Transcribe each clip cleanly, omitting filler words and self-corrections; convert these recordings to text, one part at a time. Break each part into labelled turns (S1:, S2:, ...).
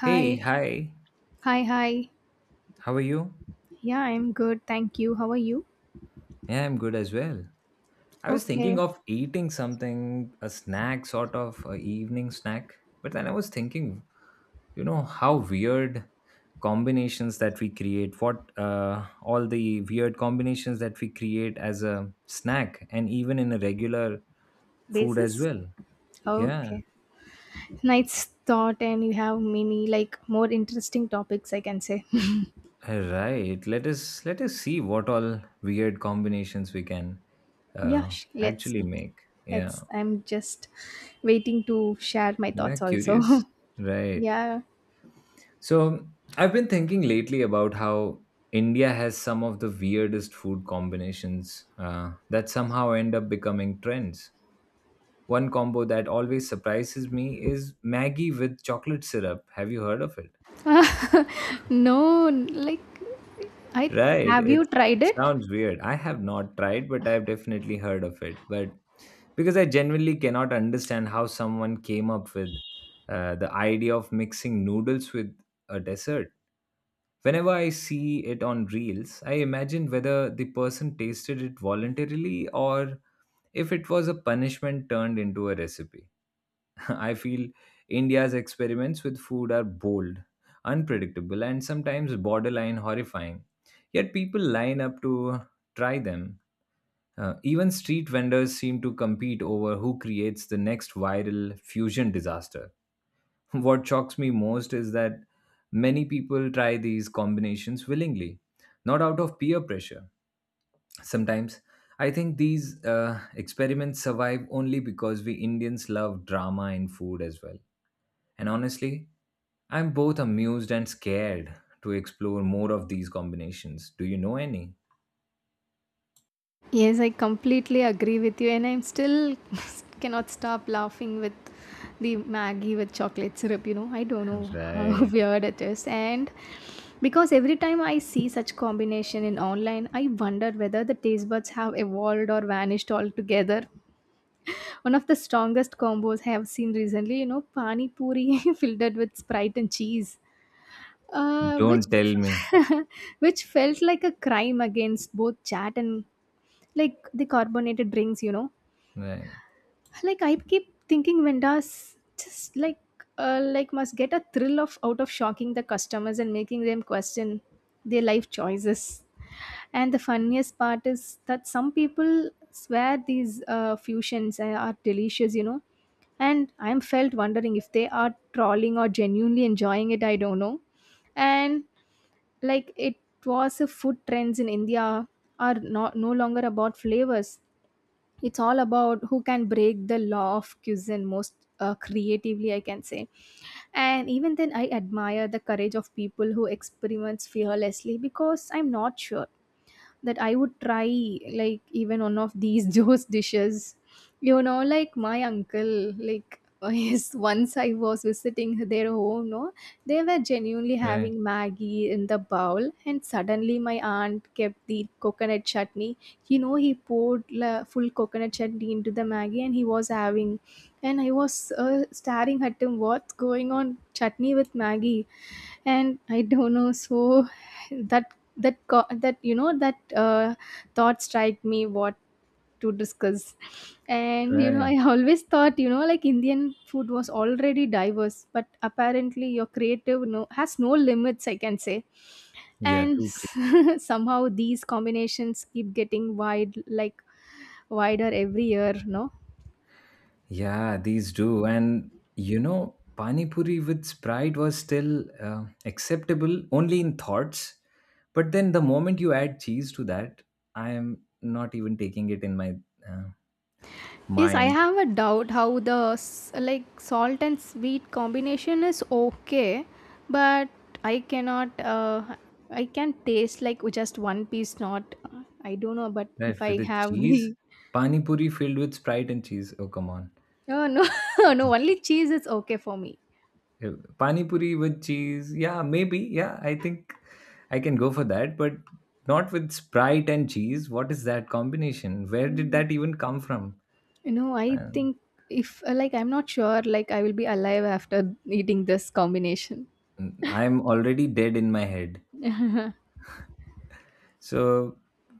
S1: Hey,
S2: Hi,
S1: hi.
S2: hi, hi.
S1: How are you?
S2: Yeah, I'm good. Thank you. How are you?
S1: Yeah, I'm good as well. I was
S2: Okay.
S1: thinking of eating something, a snack, sort of a evening snack. But then I was thinking, you know, how weird combinations that we create, what all the weird combinations that we create as a snack and even in a regular food as
S2: Basis?
S1: well. Yeah,
S2: Okay. Nice thought, and you have many, like, more interesting topics, I can say.
S1: right. Let us see what all weird combinations we can
S2: Yeah,
S1: uh,
S2: let's
S1: actually
S2: see.
S1: make. Yeah,
S2: Let's. I'm just waiting to share my
S1: yeah,
S2: thoughts
S1: curious.
S2: also.
S1: Right.
S2: Yeah.
S1: So, I've been thinking lately about how India has some of the weirdest food combinations that somehow end up becoming trends. One combo that always surprises me is Maggi with chocolate syrup. Have you heard of it?
S2: No, like, I
S1: Right,
S2: have
S1: it,
S2: you tried
S1: it
S2: it?
S1: sounds weird. I have not tried, but I've definitely heard of it. But because I genuinely cannot understand how someone came up with the idea of mixing noodles with a dessert. Whenever I see it on reels, I imagine whether the person tasted it voluntarily or if it was a punishment turned into a recipe. I feel India's experiments with food are bold, unpredictable, and sometimes borderline horrifying. Yet people line up to try them. Even street vendors seem to compete over who creates the next viral fusion disaster. What shocks me most is that many people try these combinations willingly, not out of peer pressure. Sometimes I think these experiments survive only because we Indians love drama in food as well. And honestly, I'm both amused and scared to explore more of these combinations. Do you know any?
S2: Yes, I completely agree with you, and I'm still cannot stop laughing with the Maggie with chocolate syrup. You know, I don't know how
S1: Right.
S2: weird it is, and because every time I see such combination in online, I wonder whether the taste buds have evolved or vanished altogether. One of the strongest combos I have seen recently, you know, pani puri filled with Sprite and cheese. Which
S1: Don't tell me.
S2: which felt like a crime against both chat and like the carbonated drinks, you know.
S1: Right.
S2: Like, I keep thinking vendors just like must get a thrill of out of shocking the customers and making them question their life choices. And the funniest part is that some people swear these fusions are delicious, you know. And I'm felt wondering if they are trolling or genuinely enjoying it. I don't know. And like it was a food trends in India are not no longer about flavors, it's all about who can break the law of cuisine most, creatively, I can say. And even then I admire the courage of people who experiments fearlessly, because I'm not sure that I would try, like, even one of these Joe's dishes. You know, like my uncle, like, yes, once I was visiting their home, no, they were genuinely
S1: Right.
S2: having Maggie in the bowl, and suddenly my aunt kept the coconut chutney. You know, he poured full coconut chutney into the Maggie, and he was having, and I was staring at him, what's going on? Chutney with Maggie, and I don't know. So, that that co- that you know that thought strike me, what to discuss. And you know, I
S1: Right.
S2: always thought, you know, like, Indian food was already diverse, but apparently your creative no has no limits, I can say.
S1: Yeah,
S2: And
S1: too.
S2: somehow these combinations keep getting wide, like wider every year, no.
S1: Yeah, these do. And you know, Pani Puri with Sprite was still acceptable only in thoughts. But then the moment you add cheese to that, I am not even taking it in my uh,
S2: Yes, I
S1: mind.
S2: have a doubt how the like salt and sweet combination is okay, but I cannot. I can taste like just one piece. Not, I don't know. But if
S1: Right,
S2: I
S1: with the
S2: have the
S1: cheese, Pani Puri filled with Sprite and cheese. Oh, come on.
S2: no, no, no, only cheese is okay for me.
S1: Uh, Pani Puri with cheese. Yeah, maybe. Yeah, I think I can go for that. But not with Sprite and cheese. What is that combination? Where did
S2: Mm.
S1: that even come from?
S2: No, I
S1: Man.
S2: think if like I'm not sure. Like I will be alive after eating this combination.
S1: I'm already dead in my head. So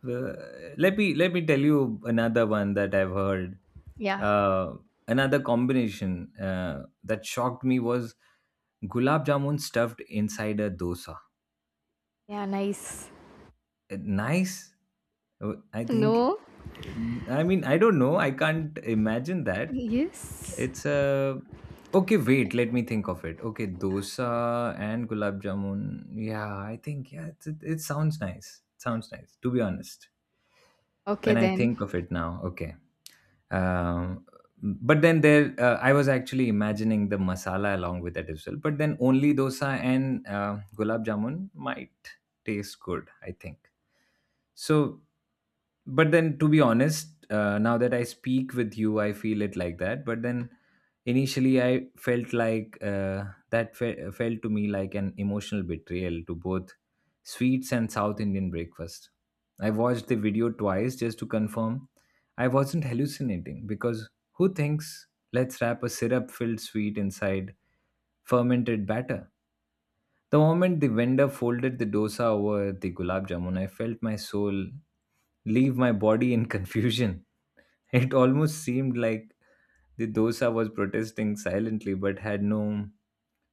S1: uh, let me tell you another one that I've heard.
S2: Yeah,
S1: Uh, Another combination that shocked me was gulab jamun stuffed inside a dosa.
S2: yeah, nice.
S1: Nice, I think.
S2: No,
S1: I mean, I don't know. I can't imagine that.
S2: yes.
S1: It's a okay. Wait, let me think of it. Okay, dosa and gulab jamun. Yeah, I think yeah. It's, it sounds nice. Sounds nice. To be honest.
S2: Okay
S1: When I
S2: then.
S1: think of it now, okay. Um, but then there, I was actually imagining the masala along with that as well. But then only dosa and gulab jamun might taste good, I think. So but then to be honest now that I speak with you I feel it like that, but then initially I felt like felt to me like an emotional betrayal to both sweets and South Indian breakfast. I watched the video twice just to confirm I wasn't hallucinating, because who thinks let's wrap a syrup filled sweet inside fermented batter. The moment the vendor folded the dosa over the gulab jamun, I felt my soul leave my body in confusion. It almost seemed like the dosa was protesting silently but had no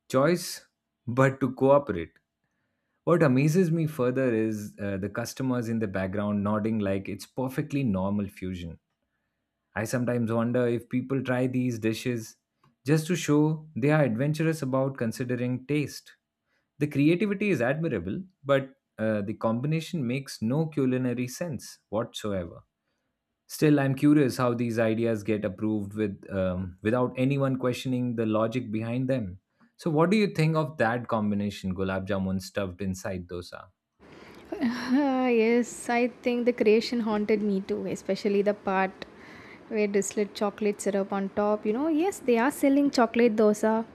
S1: choice but to cooperate. What amazes me further is the customers in the background nodding like it's perfectly normal fusion. I sometimes wonder if people try these dishes just to show they are adventurous about considering taste. The creativity is admirable, but the combination makes no culinary sense whatsoever. Still, I'm curious how these ideas get approved with without anyone questioning the logic behind them. So, what do you think of that combination, gulab jamun stuffed inside dosa?
S2: Ah, yes, I think the creation haunted me too, especially the part where they slid chocolate syrup on top. You know, yes, they are selling chocolate dosa.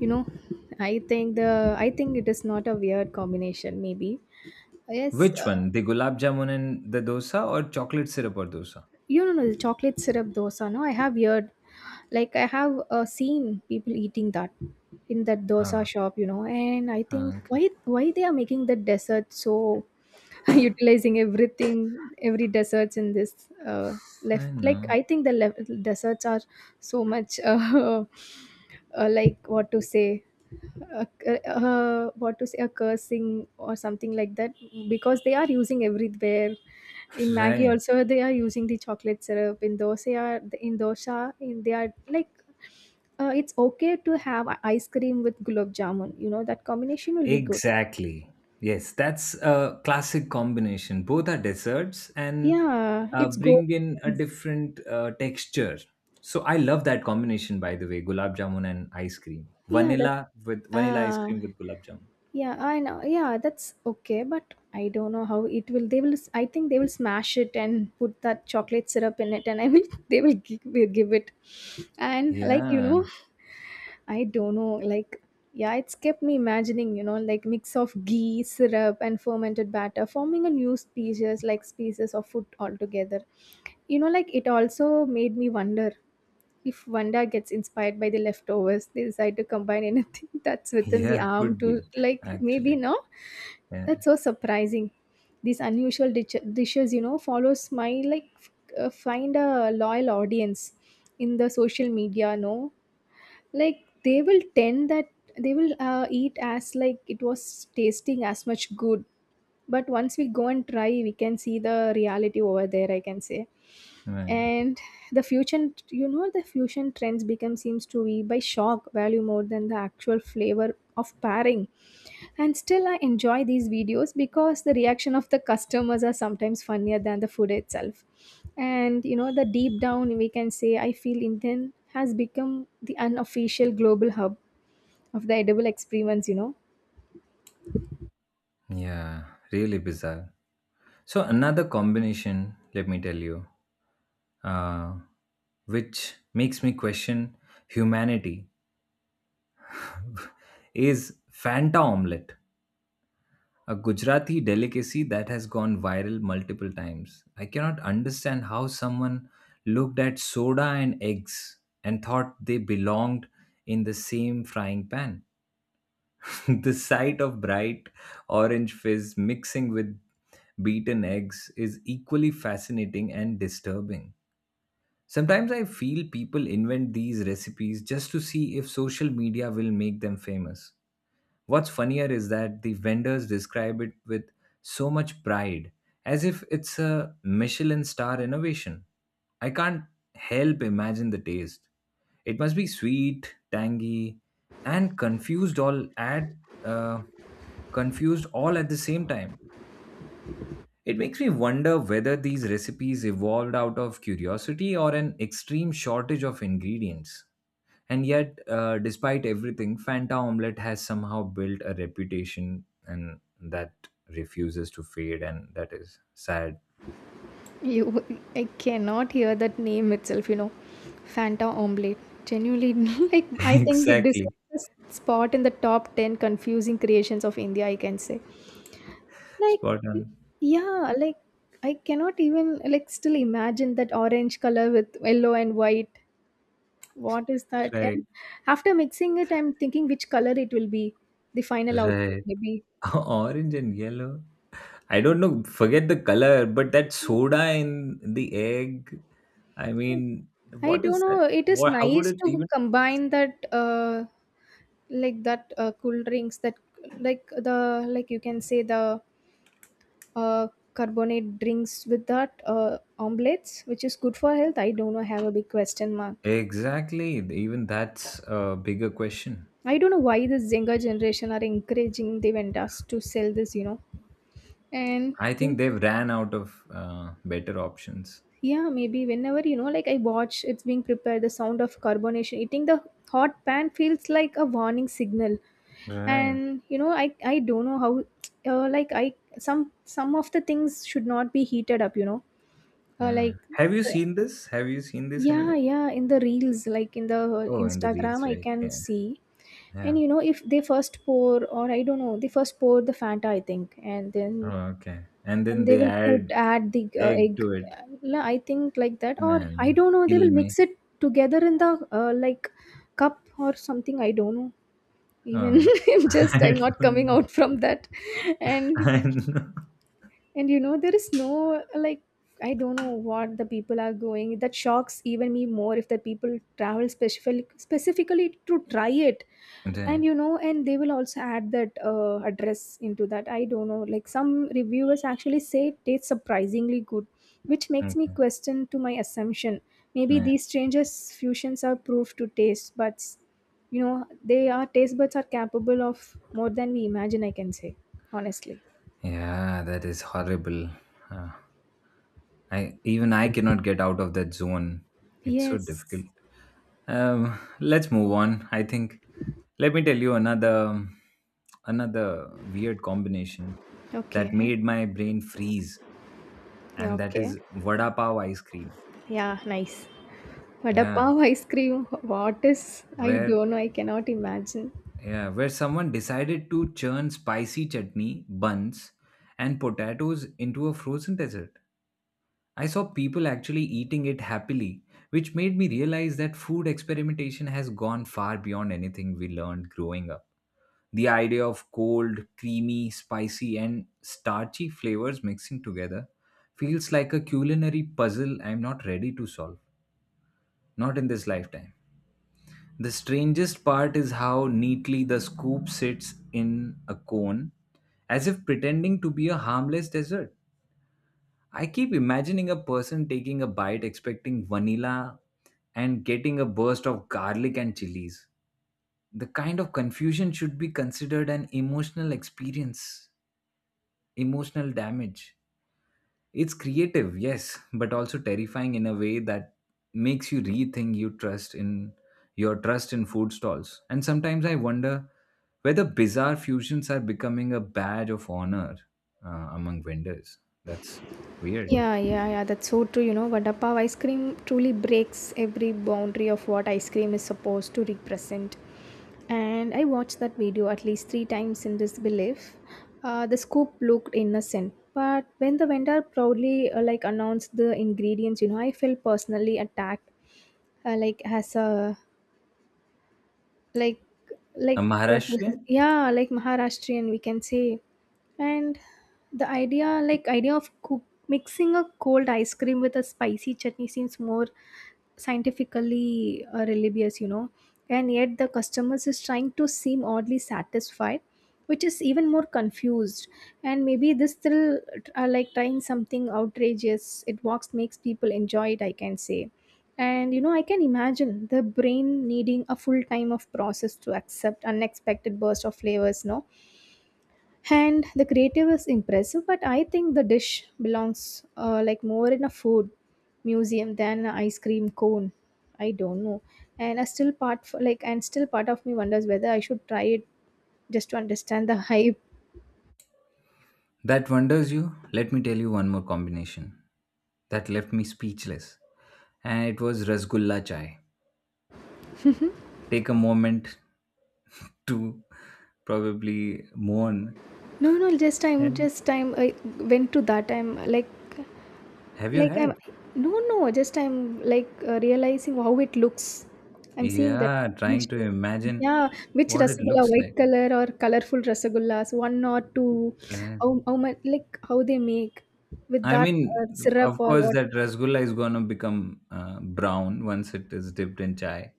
S2: You know, I think it is not a weird combination. Maybe yes,
S1: Which one, the gulab jamun and the dosa, or chocolate syrup or dosa?
S2: you know, no, the chocolate syrup dosa, no, I have heard, like I have seen people eating that in that dosa
S1: Ah,
S2: shop. You know, and I
S1: ah,
S2: think
S1: okay.
S2: why they are making the dessert so utilizing everything, every desserts in this,
S1: I
S2: left, like
S1: know.
S2: I think the left desserts are so much, like what to say, uh, what to say, a cursing or something like that, because they are using everywhere. In Maggie
S1: Right.
S2: also they are using the chocolate syrup. In dosa, in dosa, in they are like, it's okay to have ice cream with gulab jamun. You know that combination will be good.
S1: Exactly. Yes, that's a classic combination. Both are desserts and
S2: Yeah, it's good.
S1: bring in a different texture. So I love that combination, by the way, gulab jamun and ice cream.
S2: Yeah, that.
S1: Vanilla with vanilla ice
S2: Uh,
S1: cream with gulab jamun.
S2: yeah, I know. Yeah, that's okay. But I don't know how it will. They will. I think they will smash it and put that chocolate syrup in it, and I will. They will give it, and like you know,
S1: Yeah,
S2: I don't know, like yeah, it's kept me imagining, you know, like mix of ghee, syrup, and fermented batter, forming a new species, like species of food altogether. You know, like it also made me wonder if Wanda gets inspired by the leftovers, they decide to combine anything that's within the
S1: yeah,
S2: arm
S1: could
S2: to,
S1: be
S2: like, maybe
S1: actually.
S2: no.
S1: Yeah,
S2: That's so surprising. These unusual dishes, you know, follows my like find a loyal audience in the social media, no, like they will tend that they will eat as like it was tasting as much good, but once we go and try we can see the reality over there, I can say.
S1: right.
S2: And the fusion, you know, the fusion trends become seems to be by shock value more than the actual flavor of pairing. And still I enjoy these videos because the reaction of the customers are sometimes funnier than the food itself. And you know the deep down we can say, I feel Indian has become the unofficial global hub of the edible experiments, you know.
S1: Yeah, really bizarre. So another combination, let me tell you, uh, which makes me question humanity is Fanta omelette, a Gujarati delicacy that has gone viral multiple times. I cannot understand how someone looked at soda and eggs and thought they belonged in the same frying pan. The sight of bright orange fizz mixing with beaten eggs is equally fascinating and disturbing. Sometimes I feel people invent these recipes just to see if social media will make them famous. What's funnier is that the vendors describe it with so much pride, as if it's a Michelin star innovation. I can't help imagine the taste. It must be sweet, tangy, and uh, confused all at the same time. It makes me wonder whether these recipes evolved out of curiosity or an extreme shortage of ingredients. And yet, despite everything, Fanta Omelette has somehow built a reputation and that refuses to fade, and that is sad.
S2: You, I cannot hear that name itself, you know. Fanta omelette. Genuinely, like, I think it
S1: Exactly.
S2: deserves a spot in the top 10 confusing creations of India, I can say. Like,
S1: Spot on.
S2: yeah, like, I cannot even, like, still imagine that orange color with yellow and white. What is that?
S1: Right.
S2: And after mixing it, I'm thinking which color it will be, the final output,
S1: Right.
S2: maybe.
S1: Orange and yellow. I don't know, forget the color, but that soda in the egg, I mean,
S2: I
S1: what
S2: don't
S1: is
S2: know.
S1: that?
S2: It is
S1: What, how would
S2: nice
S1: it
S2: to
S1: even?
S2: combine that, like that, cool drinks that, like the, like you can say the, uh, carbonate drinks with that, omelets, which is good for health, I don't know, have a big question mark.
S1: Exactly. Even that's a bigger question.
S2: I don't know why this younger generation are encouraging the vendors to sell this, you know. And
S1: I think
S2: in,
S1: they've ran out of better options.
S2: yeah maybe whenever, you know, like I watch it's being prepared, the sound of carbonation eating the hot pan feels like a warning signal.
S1: Right.
S2: And you know, I don't know how, like I, some of the things should not be heated up, you know.
S1: Yeah.
S2: Like
S1: Have you
S2: the,
S1: seen this? Have you seen this
S2: yeah,
S1: anywhere?
S2: yeah, in the reels, like in the
S1: Oh, in the reels,
S2: Instagram I
S1: right?
S2: can
S1: Yeah.
S2: see. And
S1: Yeah.
S2: you know, if they first pour, or I don't know, they first pour the Fanta I think, and then
S1: Oh, okay. And then
S2: and they
S1: they
S2: will put
S1: add
S2: add the
S1: egg
S2: egg.
S1: to it.
S2: I think like that, or I
S1: Man,
S2: don't know, they
S1: kill
S2: will
S1: me.
S2: mix it together in the, like cup or something, I don't know. Even
S1: Oh.
S2: if just I'm
S1: I
S2: not coming
S1: don't know.
S2: out from that. and
S1: I know.
S2: and you know, there is no like, I don't know what the people are going. That shocks even me more if the people travel specifically to try it. And
S1: Right.
S2: you know, and they will also add that, address into that. I don't know. Like some reviewers actually say it tastes surprisingly good, which makes me
S1: Okay.
S2: question to my assumption. Maybe
S1: Yeah.
S2: these changes fusions are proof to taste buds. You know, they are taste buds are capable of more than we imagine, I can say honestly.
S1: Yeah, that is horrible. Uh, I even I cannot get out of that zone. It's so
S2: Yes.
S1: difficult. Let's move on. I think. Let me tell you another weird combination that
S2: Okay.
S1: made my brain freeze,
S2: Yeah,
S1: and that
S2: okay.
S1: is vada pav ice cream.
S2: Yeah, nice. Vada
S1: Yeah,
S2: pav ice cream. What is? I
S1: where
S2: don't know. I cannot imagine.
S1: yeah, where someone decided to churn spicy chutney buns and potatoes into a frozen dessert. I saw people actually eating it happily, which made me realize that food experimentation has gone far beyond anything we learned growing up. The idea of cold, creamy, spicy, and starchy flavors mixing together feels like a culinary puzzle I'm not ready to solve, not in this lifetime. The strangest part is how neatly the scoop sits in a cone, as if pretending to be a harmless dessert. I keep imagining a person taking a bite expecting vanilla and getting a burst of garlic and chilies. The kind of confusion should be considered an emotional experience, emotional damage. It's creative, yes, but also terrifying in a way that makes you rethink your trust in food stalls. And sometimes I wonder whether bizarre fusions are becoming a badge of honor among vendors. That's weird.
S2: Yeah, yeah, yeah. That's so true. You know, vada pav ice cream truly breaks every boundary of what ice cream is supposed to represent. And I watched that video at least three times in this belief. The scoop looked innocent, but when the vendor proudly, like announced the ingredients, you know, I felt personally attacked. Like as a, like
S1: A
S2: like what
S1: Maharashtrian?
S2: yeah like Maharashtrian we can say. And the idea, like idea of cook, mixing a cold ice cream with a spicy chutney seems more scientifically, religious, you know. And yet the customers is trying to seem oddly satisfied, which is even more confused. And maybe this thrill, like trying something outrageous, it works, makes people enjoy it, I can say. And you know I can imagine the brain needing a full time of process to accept unexpected burst of flavors, no. And the creative is impressive, but I think the dish belongs, like more in a food museum than an ice cream cone. I don't know, and I still part for, like, and still part of me wonders whether I should try it just to understand the hype.
S1: That wonders you? Let me tell you one more combination that left me speechless. And it was Rasgulla chai. Take a moment to probably mourn.
S2: No, no,
S1: And
S2: just I'm I went to that. I'm like
S1: have you
S2: Like I'm
S1: had?
S2: no no, just I'm like, realizing how it looks. I'm seeing that
S1: Yeah, trying to
S2: combination.
S1: imagine
S2: Yeah, which
S1: what it
S2: rasagulla,
S1: looks like.
S2: white color or colorful rasagullas, one or two,
S1: Right?
S2: how much like how they make with
S1: I
S2: that,
S1: mean,
S2: syrup
S1: of
S2: or
S1: course,
S2: what?
S1: that Rasgulla is going to become brown once it is dipped in chai.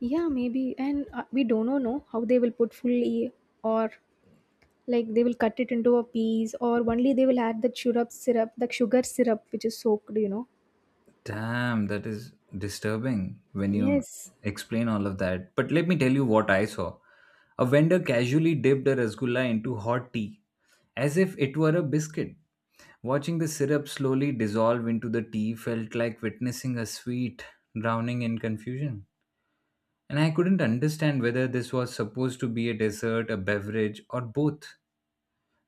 S2: Yeah, maybe. And, we don't know no, how they will put fully, or like they will cut it into a piece, or only they will add the syrup syrup, the sugar syrup which is soaked, you know.
S1: Damn, that is disturbing when you
S2: Yes.
S1: explain all of that. But let me tell you what I saw. A vendor casually dipped a rasgulla into hot tea as if it were a biscuit. Watching the syrup slowly dissolve into the tea felt like witnessing a sweet drowning in confusion. And I couldn't understand whether this was supposed to be a dessert, a beverage, or both.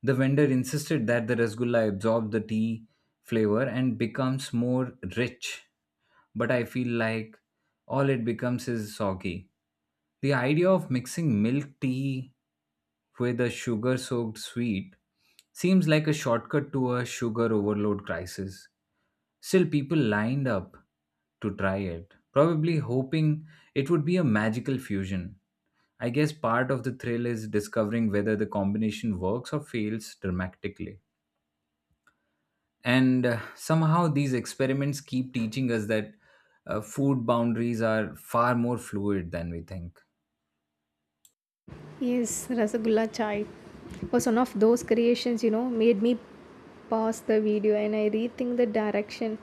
S1: The vendor insisted that the rasgulla absorbed the tea flavor and becomes more rich, but I feel like all it becomes is soggy. The idea of mixing milk tea with a sugar soaked sweet seems like a shortcut to a sugar overload crisis. Still, people lined up to try it, probably hoping it would be a magical fusion. I guess part of the thrill is discovering whether the combination works or fails dramatically. And somehow these experiments keep teaching us that food boundaries are far more fluid than we think.
S2: Yes, Rasagulla Chai was one of those creations, you know, made me pause the video and I rethink the direction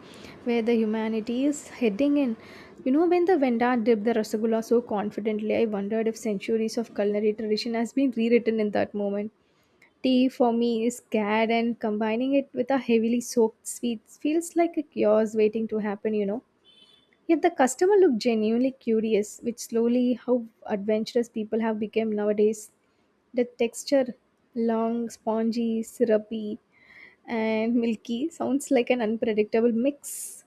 S2: where the humanity is heading in. You know, when the Vendar dipped the Rasagulla so confidently, I wondered if centuries of culinary tradition has been rewritten in that moment. Tea for me is cad and combining it with a heavily soaked sweet feels like a chaos waiting to happen, Yet the customer looked genuinely curious, which slowly how adventurous people have become nowadays. The texture long, spongy, syrupy, and milky sounds like an unpredictable mix.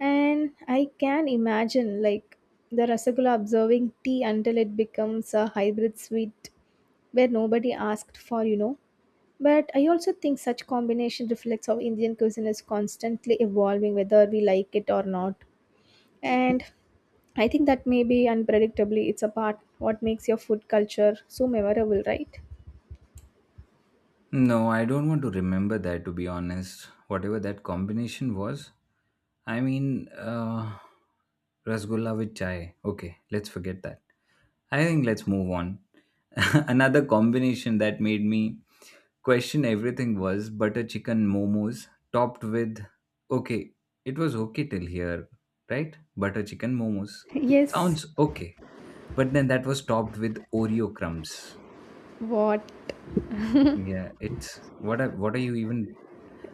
S2: And I can imagine like the Rasagula observing tea until it becomes a hybrid sweet where nobody asked for, But I also think such combination reflects how Indian cuisine is constantly evolving whether we like it or not. And I think that maybe unpredictably it's a part what makes your food culture so memorable, right?
S1: No, I don't want to remember that to be honest. Whatever that combination was, I mean, rasgulla with chai. Okay, let's forget that. I think let's move on. Another combination that made me question everything was butter chicken momos topped with okay, it was okay till here, right? Butter chicken momos
S2: Yes.
S1: sounds okay, but then that was topped with oreo crumbs.
S2: What?
S1: Yeah, it's what are you even,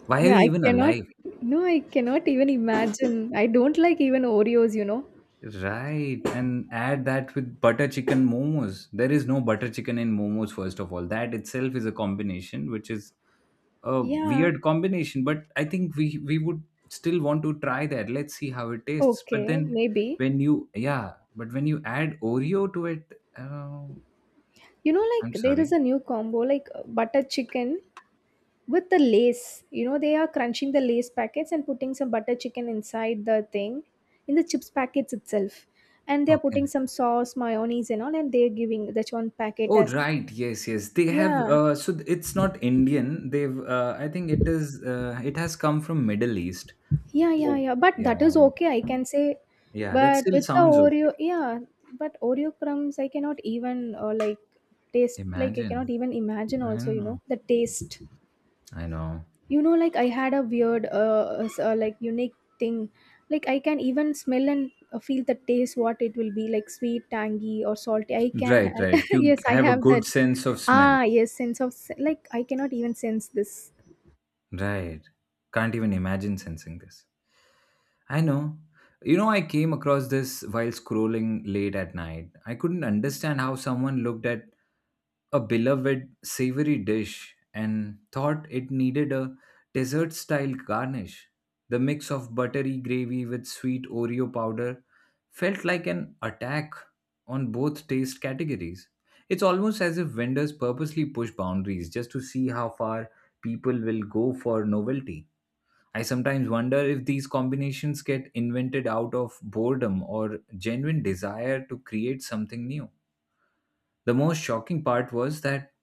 S1: why are
S2: Yeah,
S1: you
S2: I
S1: even
S2: cannot.
S1: alive?
S2: No, I cannot even imagine. I don't like even Oreos, you know.
S1: Right, and add that with butter chicken momos, there is no butter chicken in momos, first of all. That itself is a combination which is a
S2: Yeah,
S1: weird combination, but I think we would still want to try that, let's see how it tastes. But
S2: okay,
S1: then
S2: maybe.
S1: when you, yeah, but when you add oreo to it,
S2: You know,
S1: I'm
S2: like there is
S1: sorry.
S2: a new combo like butter chicken with the lace. You know, they are crunching the lace packets and putting some butter chicken inside the thing, in the chips packets itself. And they are putting
S1: Okay.
S2: some sauce, mayonnaise, and all, and they are giving that one packet
S1: Oh
S2: as.
S1: right, yes, yes, they have,
S2: Yeah.
S1: it's not indian. They've, I think it is, it has come from middle east.
S2: Yeah, yeah,
S1: Oh.
S2: yeah. But
S1: Yeah,
S2: that is
S1: well,
S2: okay, I can say.
S1: yeah, that
S2: But
S1: still
S2: with the
S1: sounds okay.
S2: Oreo, yeah, but Oreo crumbs, I cannot even like taste, like I
S1: Imagine.
S2: cannot even imagine
S1: I
S2: also, you
S1: know.
S2: know, the taste.
S1: I know.
S2: You know, like I had a weird, like unique thing. Like I can even smell and feel the taste, what it will be like sweet, tangy, or salty. I can,
S1: Right, right,
S2: yes, I
S1: have a
S2: have
S1: good
S2: that.
S1: sense of smell.
S2: Ah, yes, sense of, like I cannot even sense this.
S1: Right. Can't even imagine sensing this. I know. You know, I came across this while scrolling late at night. I couldn't understand how someone looked at a beloved savory dish and thought it needed a dessert style garnish. The mix of buttery gravy with sweet Oreo powder felt like an attack on both taste categories. It's almost as if vendors purposely push boundaries just to see how far people will go for novelty. I sometimes wonder if these combinations get invented out of boredom or genuine desire to create something new. The most shocking part was that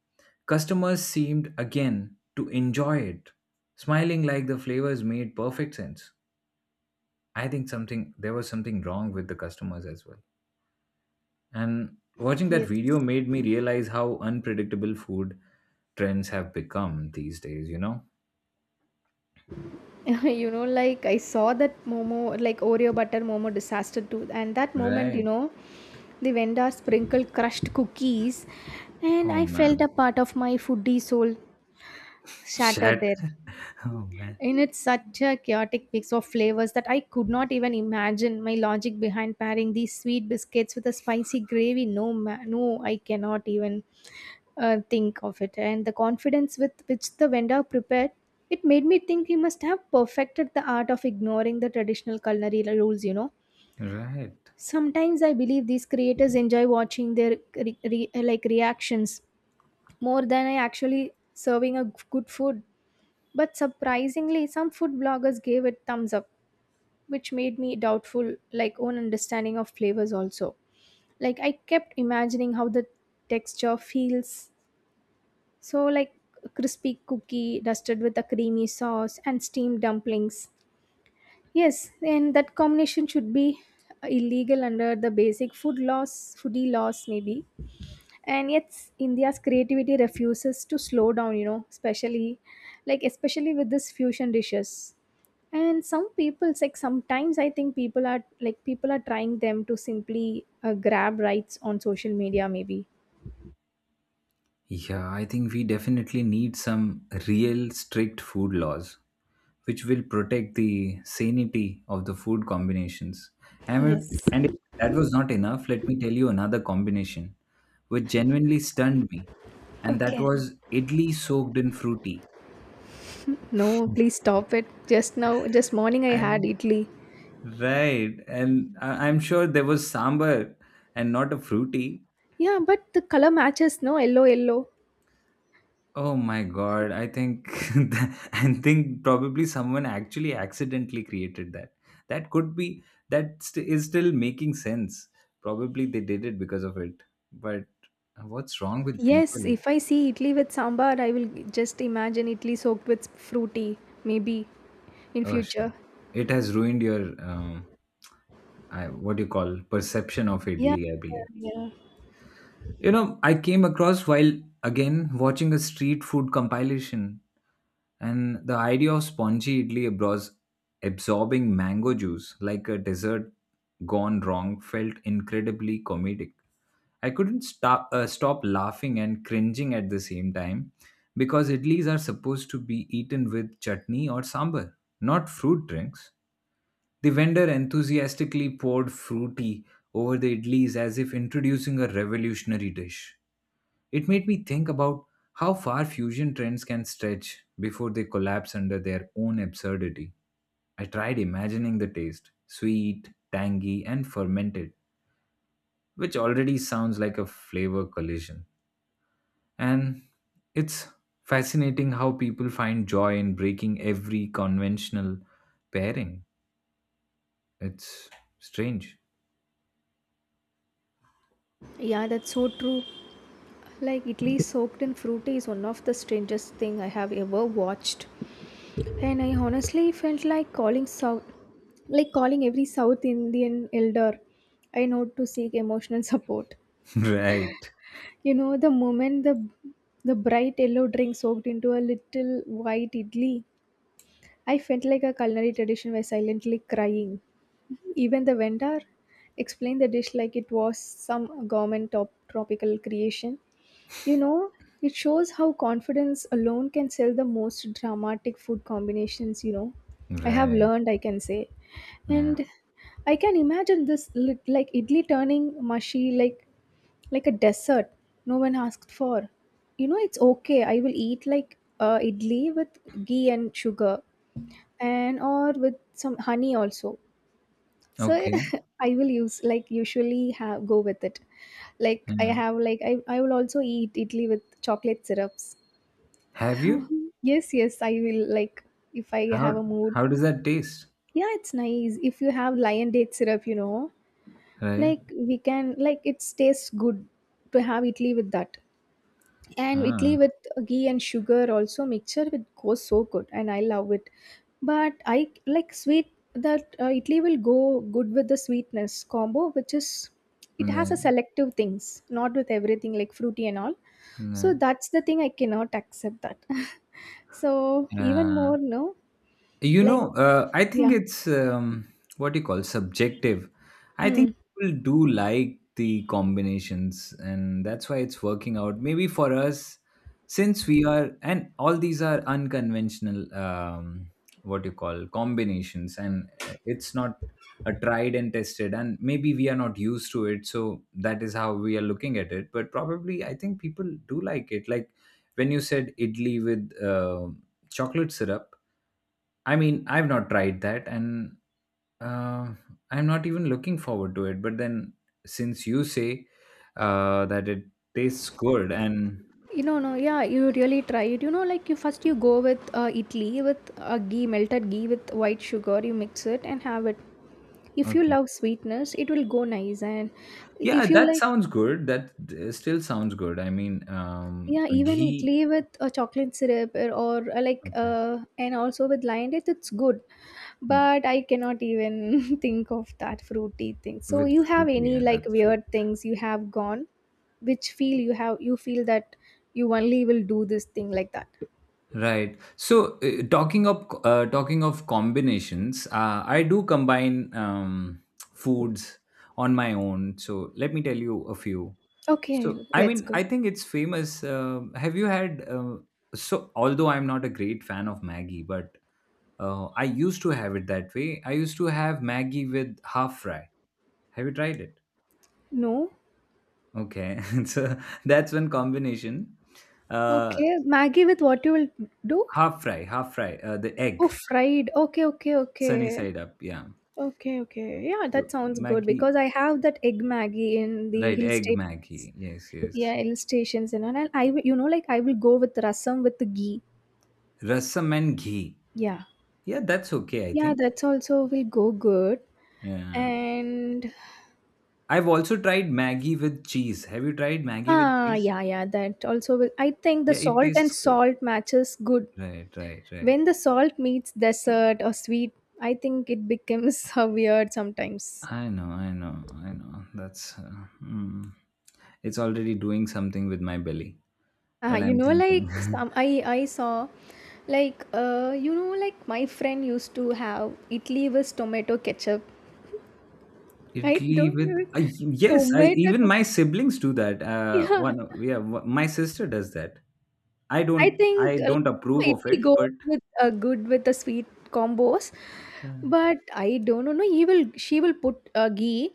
S1: customers seemed again to enjoy it, smiling like the flavors made perfect sense. I think something there was something wrong with the customers as well. And watching that
S2: Yes.
S1: video made me realize how unpredictable food trends have become these days, you know?
S2: You know, like I saw that momo like Oreo butter momo disaster too, and that moment, you
S1: Right.
S2: know, the vendor sprinkled crushed cookies, and
S1: Oh
S2: I felt
S1: man.
S2: a part of my foodie soul shattered
S1: Shit.
S2: there.
S1: Oh man.
S2: And it's such a chaotic mix of flavors that I could not even imagine my logic behind pairing these sweet biscuits with a spicy gravy. No no, I cannot even think of it. And the confidence with which the vendor prepared it made me think he must have perfected the art of ignoring the traditional culinary rules, you know.
S1: Right.
S2: Sometimes I believe these creators enjoy watching their like reactions more than I actually serving a good food. But surprisingly some food bloggers gave it thumbs up, which made me doubtful like own understanding of flavors also. Like I kept imagining how the texture feels. So, like crispy cookie dusted with a creamy sauce and steamed dumplings. Yes, and that combination should be illegal under the basic food laws, foodie laws, maybe. And yet, India's creativity refuses to slow down, you know, especially like, especially with this fusion dishes. And some people, like, sometimes I think people are like, people are trying them to simply grab rights on social media, maybe.
S1: Yeah, I think we definitely need some real strict food laws which will protect the sanity of the food combinations.
S2: Yes.
S1: And if that was not enough, let me tell you another combination which genuinely stunned me, and that
S2: Okay.
S1: was idli soaked in fruity.
S2: No, please stop it. Just now, just morning I had
S1: I'm
S2: idli.
S1: right, and I'm sure there was sambar and not a fruity.
S2: Yeah, but the color matches, no? Yellow, yellow.
S1: Oh my god, I think I think probably someone actually accidentally created that. That could be is still making sense. Probably they did it because of it. But what's wrong with
S2: Yes,
S1: people?
S2: if I see idli with sambar, I will just imagine idli soaked with fruity, maybe in
S1: Oh shit.
S2: future.
S1: It has ruined your I what do you call perception of
S2: Yeah,
S1: Italy, I believe.
S2: yeah.
S1: You know, I came across while again watching a street food compilation, and the idea of spongy idli abros absorbing mango juice like a dessert gone wrong felt incredibly comedic. I couldn't stop laughing and cringing at the same time because idlis are supposed to be eaten with chutney or sambar, not fruit drinks. The vendor enthusiastically poured fruity over the idlis as if introducing a revolutionary dish. It made me think about how far fusion trends can stretch before they collapse under their own absurdity. I tried imagining the taste sweet, tangy, and fermented, which already sounds like a flavor collision. And it's fascinating how people find joy in breaking every conventional pairing. It's strange.
S2: Yeah, that's so true. Like idli soaked in fruity is one of the strangest thing I have ever watched. And I honestly felt like calling South, like calling every South Indian elder I know to seek emotional support.
S1: Right.
S2: You know, the moment the bright yellow drink soaked into a little white idli, I felt like a culinary tradition by silently crying. Even the vendor explained the dish like it was some government top tropical creation. You know, it shows how confidence alone can sell the most dramatic food combinations, you know. I have
S1: Right.
S2: learned, I can say.
S1: Yeah.
S2: And I can imagine this like idli turning mushy like a dessert no one asked for, you know. It's okay, I will eat like idli with ghee and sugar and or with some honey also. So
S1: Okay.
S2: I will use like usually have go with it. Like I
S1: Yeah.
S2: have like I will also eat idli with chocolate syrups.
S1: Have you?
S2: Yes, yes, I will like if I
S1: How
S2: have a mood.
S1: how does that taste?
S2: Yeah, it's nice if you have lion date syrup, you know.
S1: Right.
S2: Like we can like it tastes good to have idli with that, and idli
S1: Ah.
S2: with ghee and sugar also mixture it goes so good, and I love it. But I like sweet, that Italy will go good with the sweetness combo, which is
S1: 嗯
S2: it has a
S1: 呢，
S2: selective things, not with everything like fruity and all.
S1: 嗯
S2: So
S1: 呢，
S2: that's the thing I cannot accept that. So even
S1: 嗯。
S2: more no.
S1: You
S2: Like
S1: know, I think
S2: yeah.
S1: it's what you call subjective. I think
S2: Mm.
S1: people do like the combinations, and that's why it's working out. Maybe for us, since we are, and all these are unconventional, what you call combinations, and it's not a tried and tested, and maybe we are not used to it, so that is how we are looking at it. But probably, I think people do like it. Like when you said idli with chocolate syrup, I mean, I've not tried that, and uh, I'm not even looking forward to it. But then, since you say that it tastes good, and
S2: You know, no, yeah, you really try it. You know, like you first you go with idli with ghee, melted ghee with white sugar. You mix it and have it. If you
S1: okay,
S2: love sweetness, it will go nice. And
S1: yeah,
S2: if you
S1: that
S2: like,
S1: sounds good. That still sounds good. I mean,
S2: yeah, even
S1: ghee,
S2: idli with a chocolate syrup or like,
S1: okay,
S2: and also with lion date, it's good.
S1: mm,
S2: But I cannot even think of that fruity thing. So
S1: with
S2: you have
S1: fruit,
S2: any
S1: yeah,
S2: like
S1: that's sweet.
S2: weird things you have gone, which feel you have you feel that you only will do this thing like that.
S1: Right. So, talking of combinations, I do combine foods on my own. So, let me tell you a few.
S2: Okay,
S1: So, I
S2: let's
S1: mean,
S2: go.
S1: I think it's famous. Um, have you had? So, although I'm not a great fan of Maggie, but I used to have it that way. I used to have Maggie with half fry. Have you tried it?
S2: No?
S1: Okay, so that's one combination. Uh,
S2: Okay, Maggie with what you will do?
S1: half fry, half fry. The
S2: Oh,
S1: egg,
S2: fried. Okay, okay,
S1: sunny
S2: okay.
S1: side up. Yeah.
S2: Okay, okay. Yeah, that
S1: So
S2: sounds good
S1: Maggie,
S2: because I have that egg Maggie in the
S1: right?
S2: hill
S1: Egg
S2: stations.
S1: Maggie. Yes, yes.
S2: Yeah, hill stations and all. And I will, you know, like I will go with rasam with the ghee.
S1: Rasam and ghee.
S2: Yeah.
S1: Yeah, that's okay, I
S2: Yeah,
S1: think.
S2: that's also will go good.
S1: Yeah.
S2: And
S1: I've also tried Maggie with cheese. Have you tried Maggie with
S2: ah,
S1: cheese?
S2: yeah, yeah, that also will. I think the
S1: Yeah, it
S2: salt and
S1: tastes good.
S2: salt matches good.
S1: Right, right, right.
S2: When the salt meets dessert or sweet, I think it becomes weird sometimes.
S1: I know, I know, I know. That's mm, it's already doing something with my belly when
S2: You
S1: I'm
S2: know,
S1: thinking.
S2: like some I saw, like you know, like my friend used to have idli with tomato ketchup. I
S1: Italy
S2: don't
S1: with
S2: even
S1: yes, I
S2: tomato.
S1: even my siblings do that.
S2: Yeah,
S1: Yeah, my sister does that.
S2: I think
S1: I
S2: like,
S1: don't
S2: you
S1: approve
S2: know,
S1: of
S2: idli
S1: it,
S2: goes
S1: but
S2: with good with the sweet combos,
S1: uh,
S2: but I don't know. No, he will she will put ghee,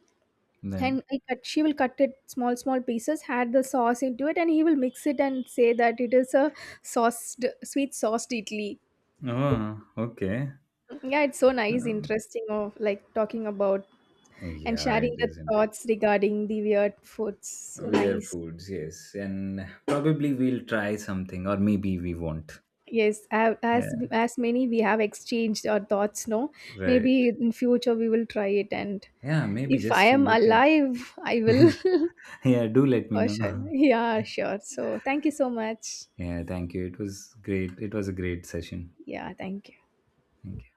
S1: like,
S2: and she will cut it small small pieces, add the sauce into it, and he will mix it and say that it is a sauced sweet sauced idli.
S1: oh, okay.
S2: Yeah, it's so nice
S1: Um,
S2: interesting of like talking about and
S1: yeah, it
S2: sharing the
S1: isn't.
S2: thoughts regarding the weird foods. So
S1: Weird
S2: nice.
S1: foods, yes. And probably we'll try something, or maybe we won't.
S2: Yes,
S1: Yeah,
S2: as many we have exchanged our thoughts, no,
S1: right.
S2: maybe in future we will try it. And
S1: Yeah, maybe
S2: if I
S1: just to
S2: am
S1: look
S2: alive I
S1: at.
S2: will for
S1: Yeah, do let me know.
S2: sure. Yeah, sure. So thank you so much.
S1: Yeah, thank you. It was great. It was a great session.
S2: Yeah, thank you.
S1: Thank you.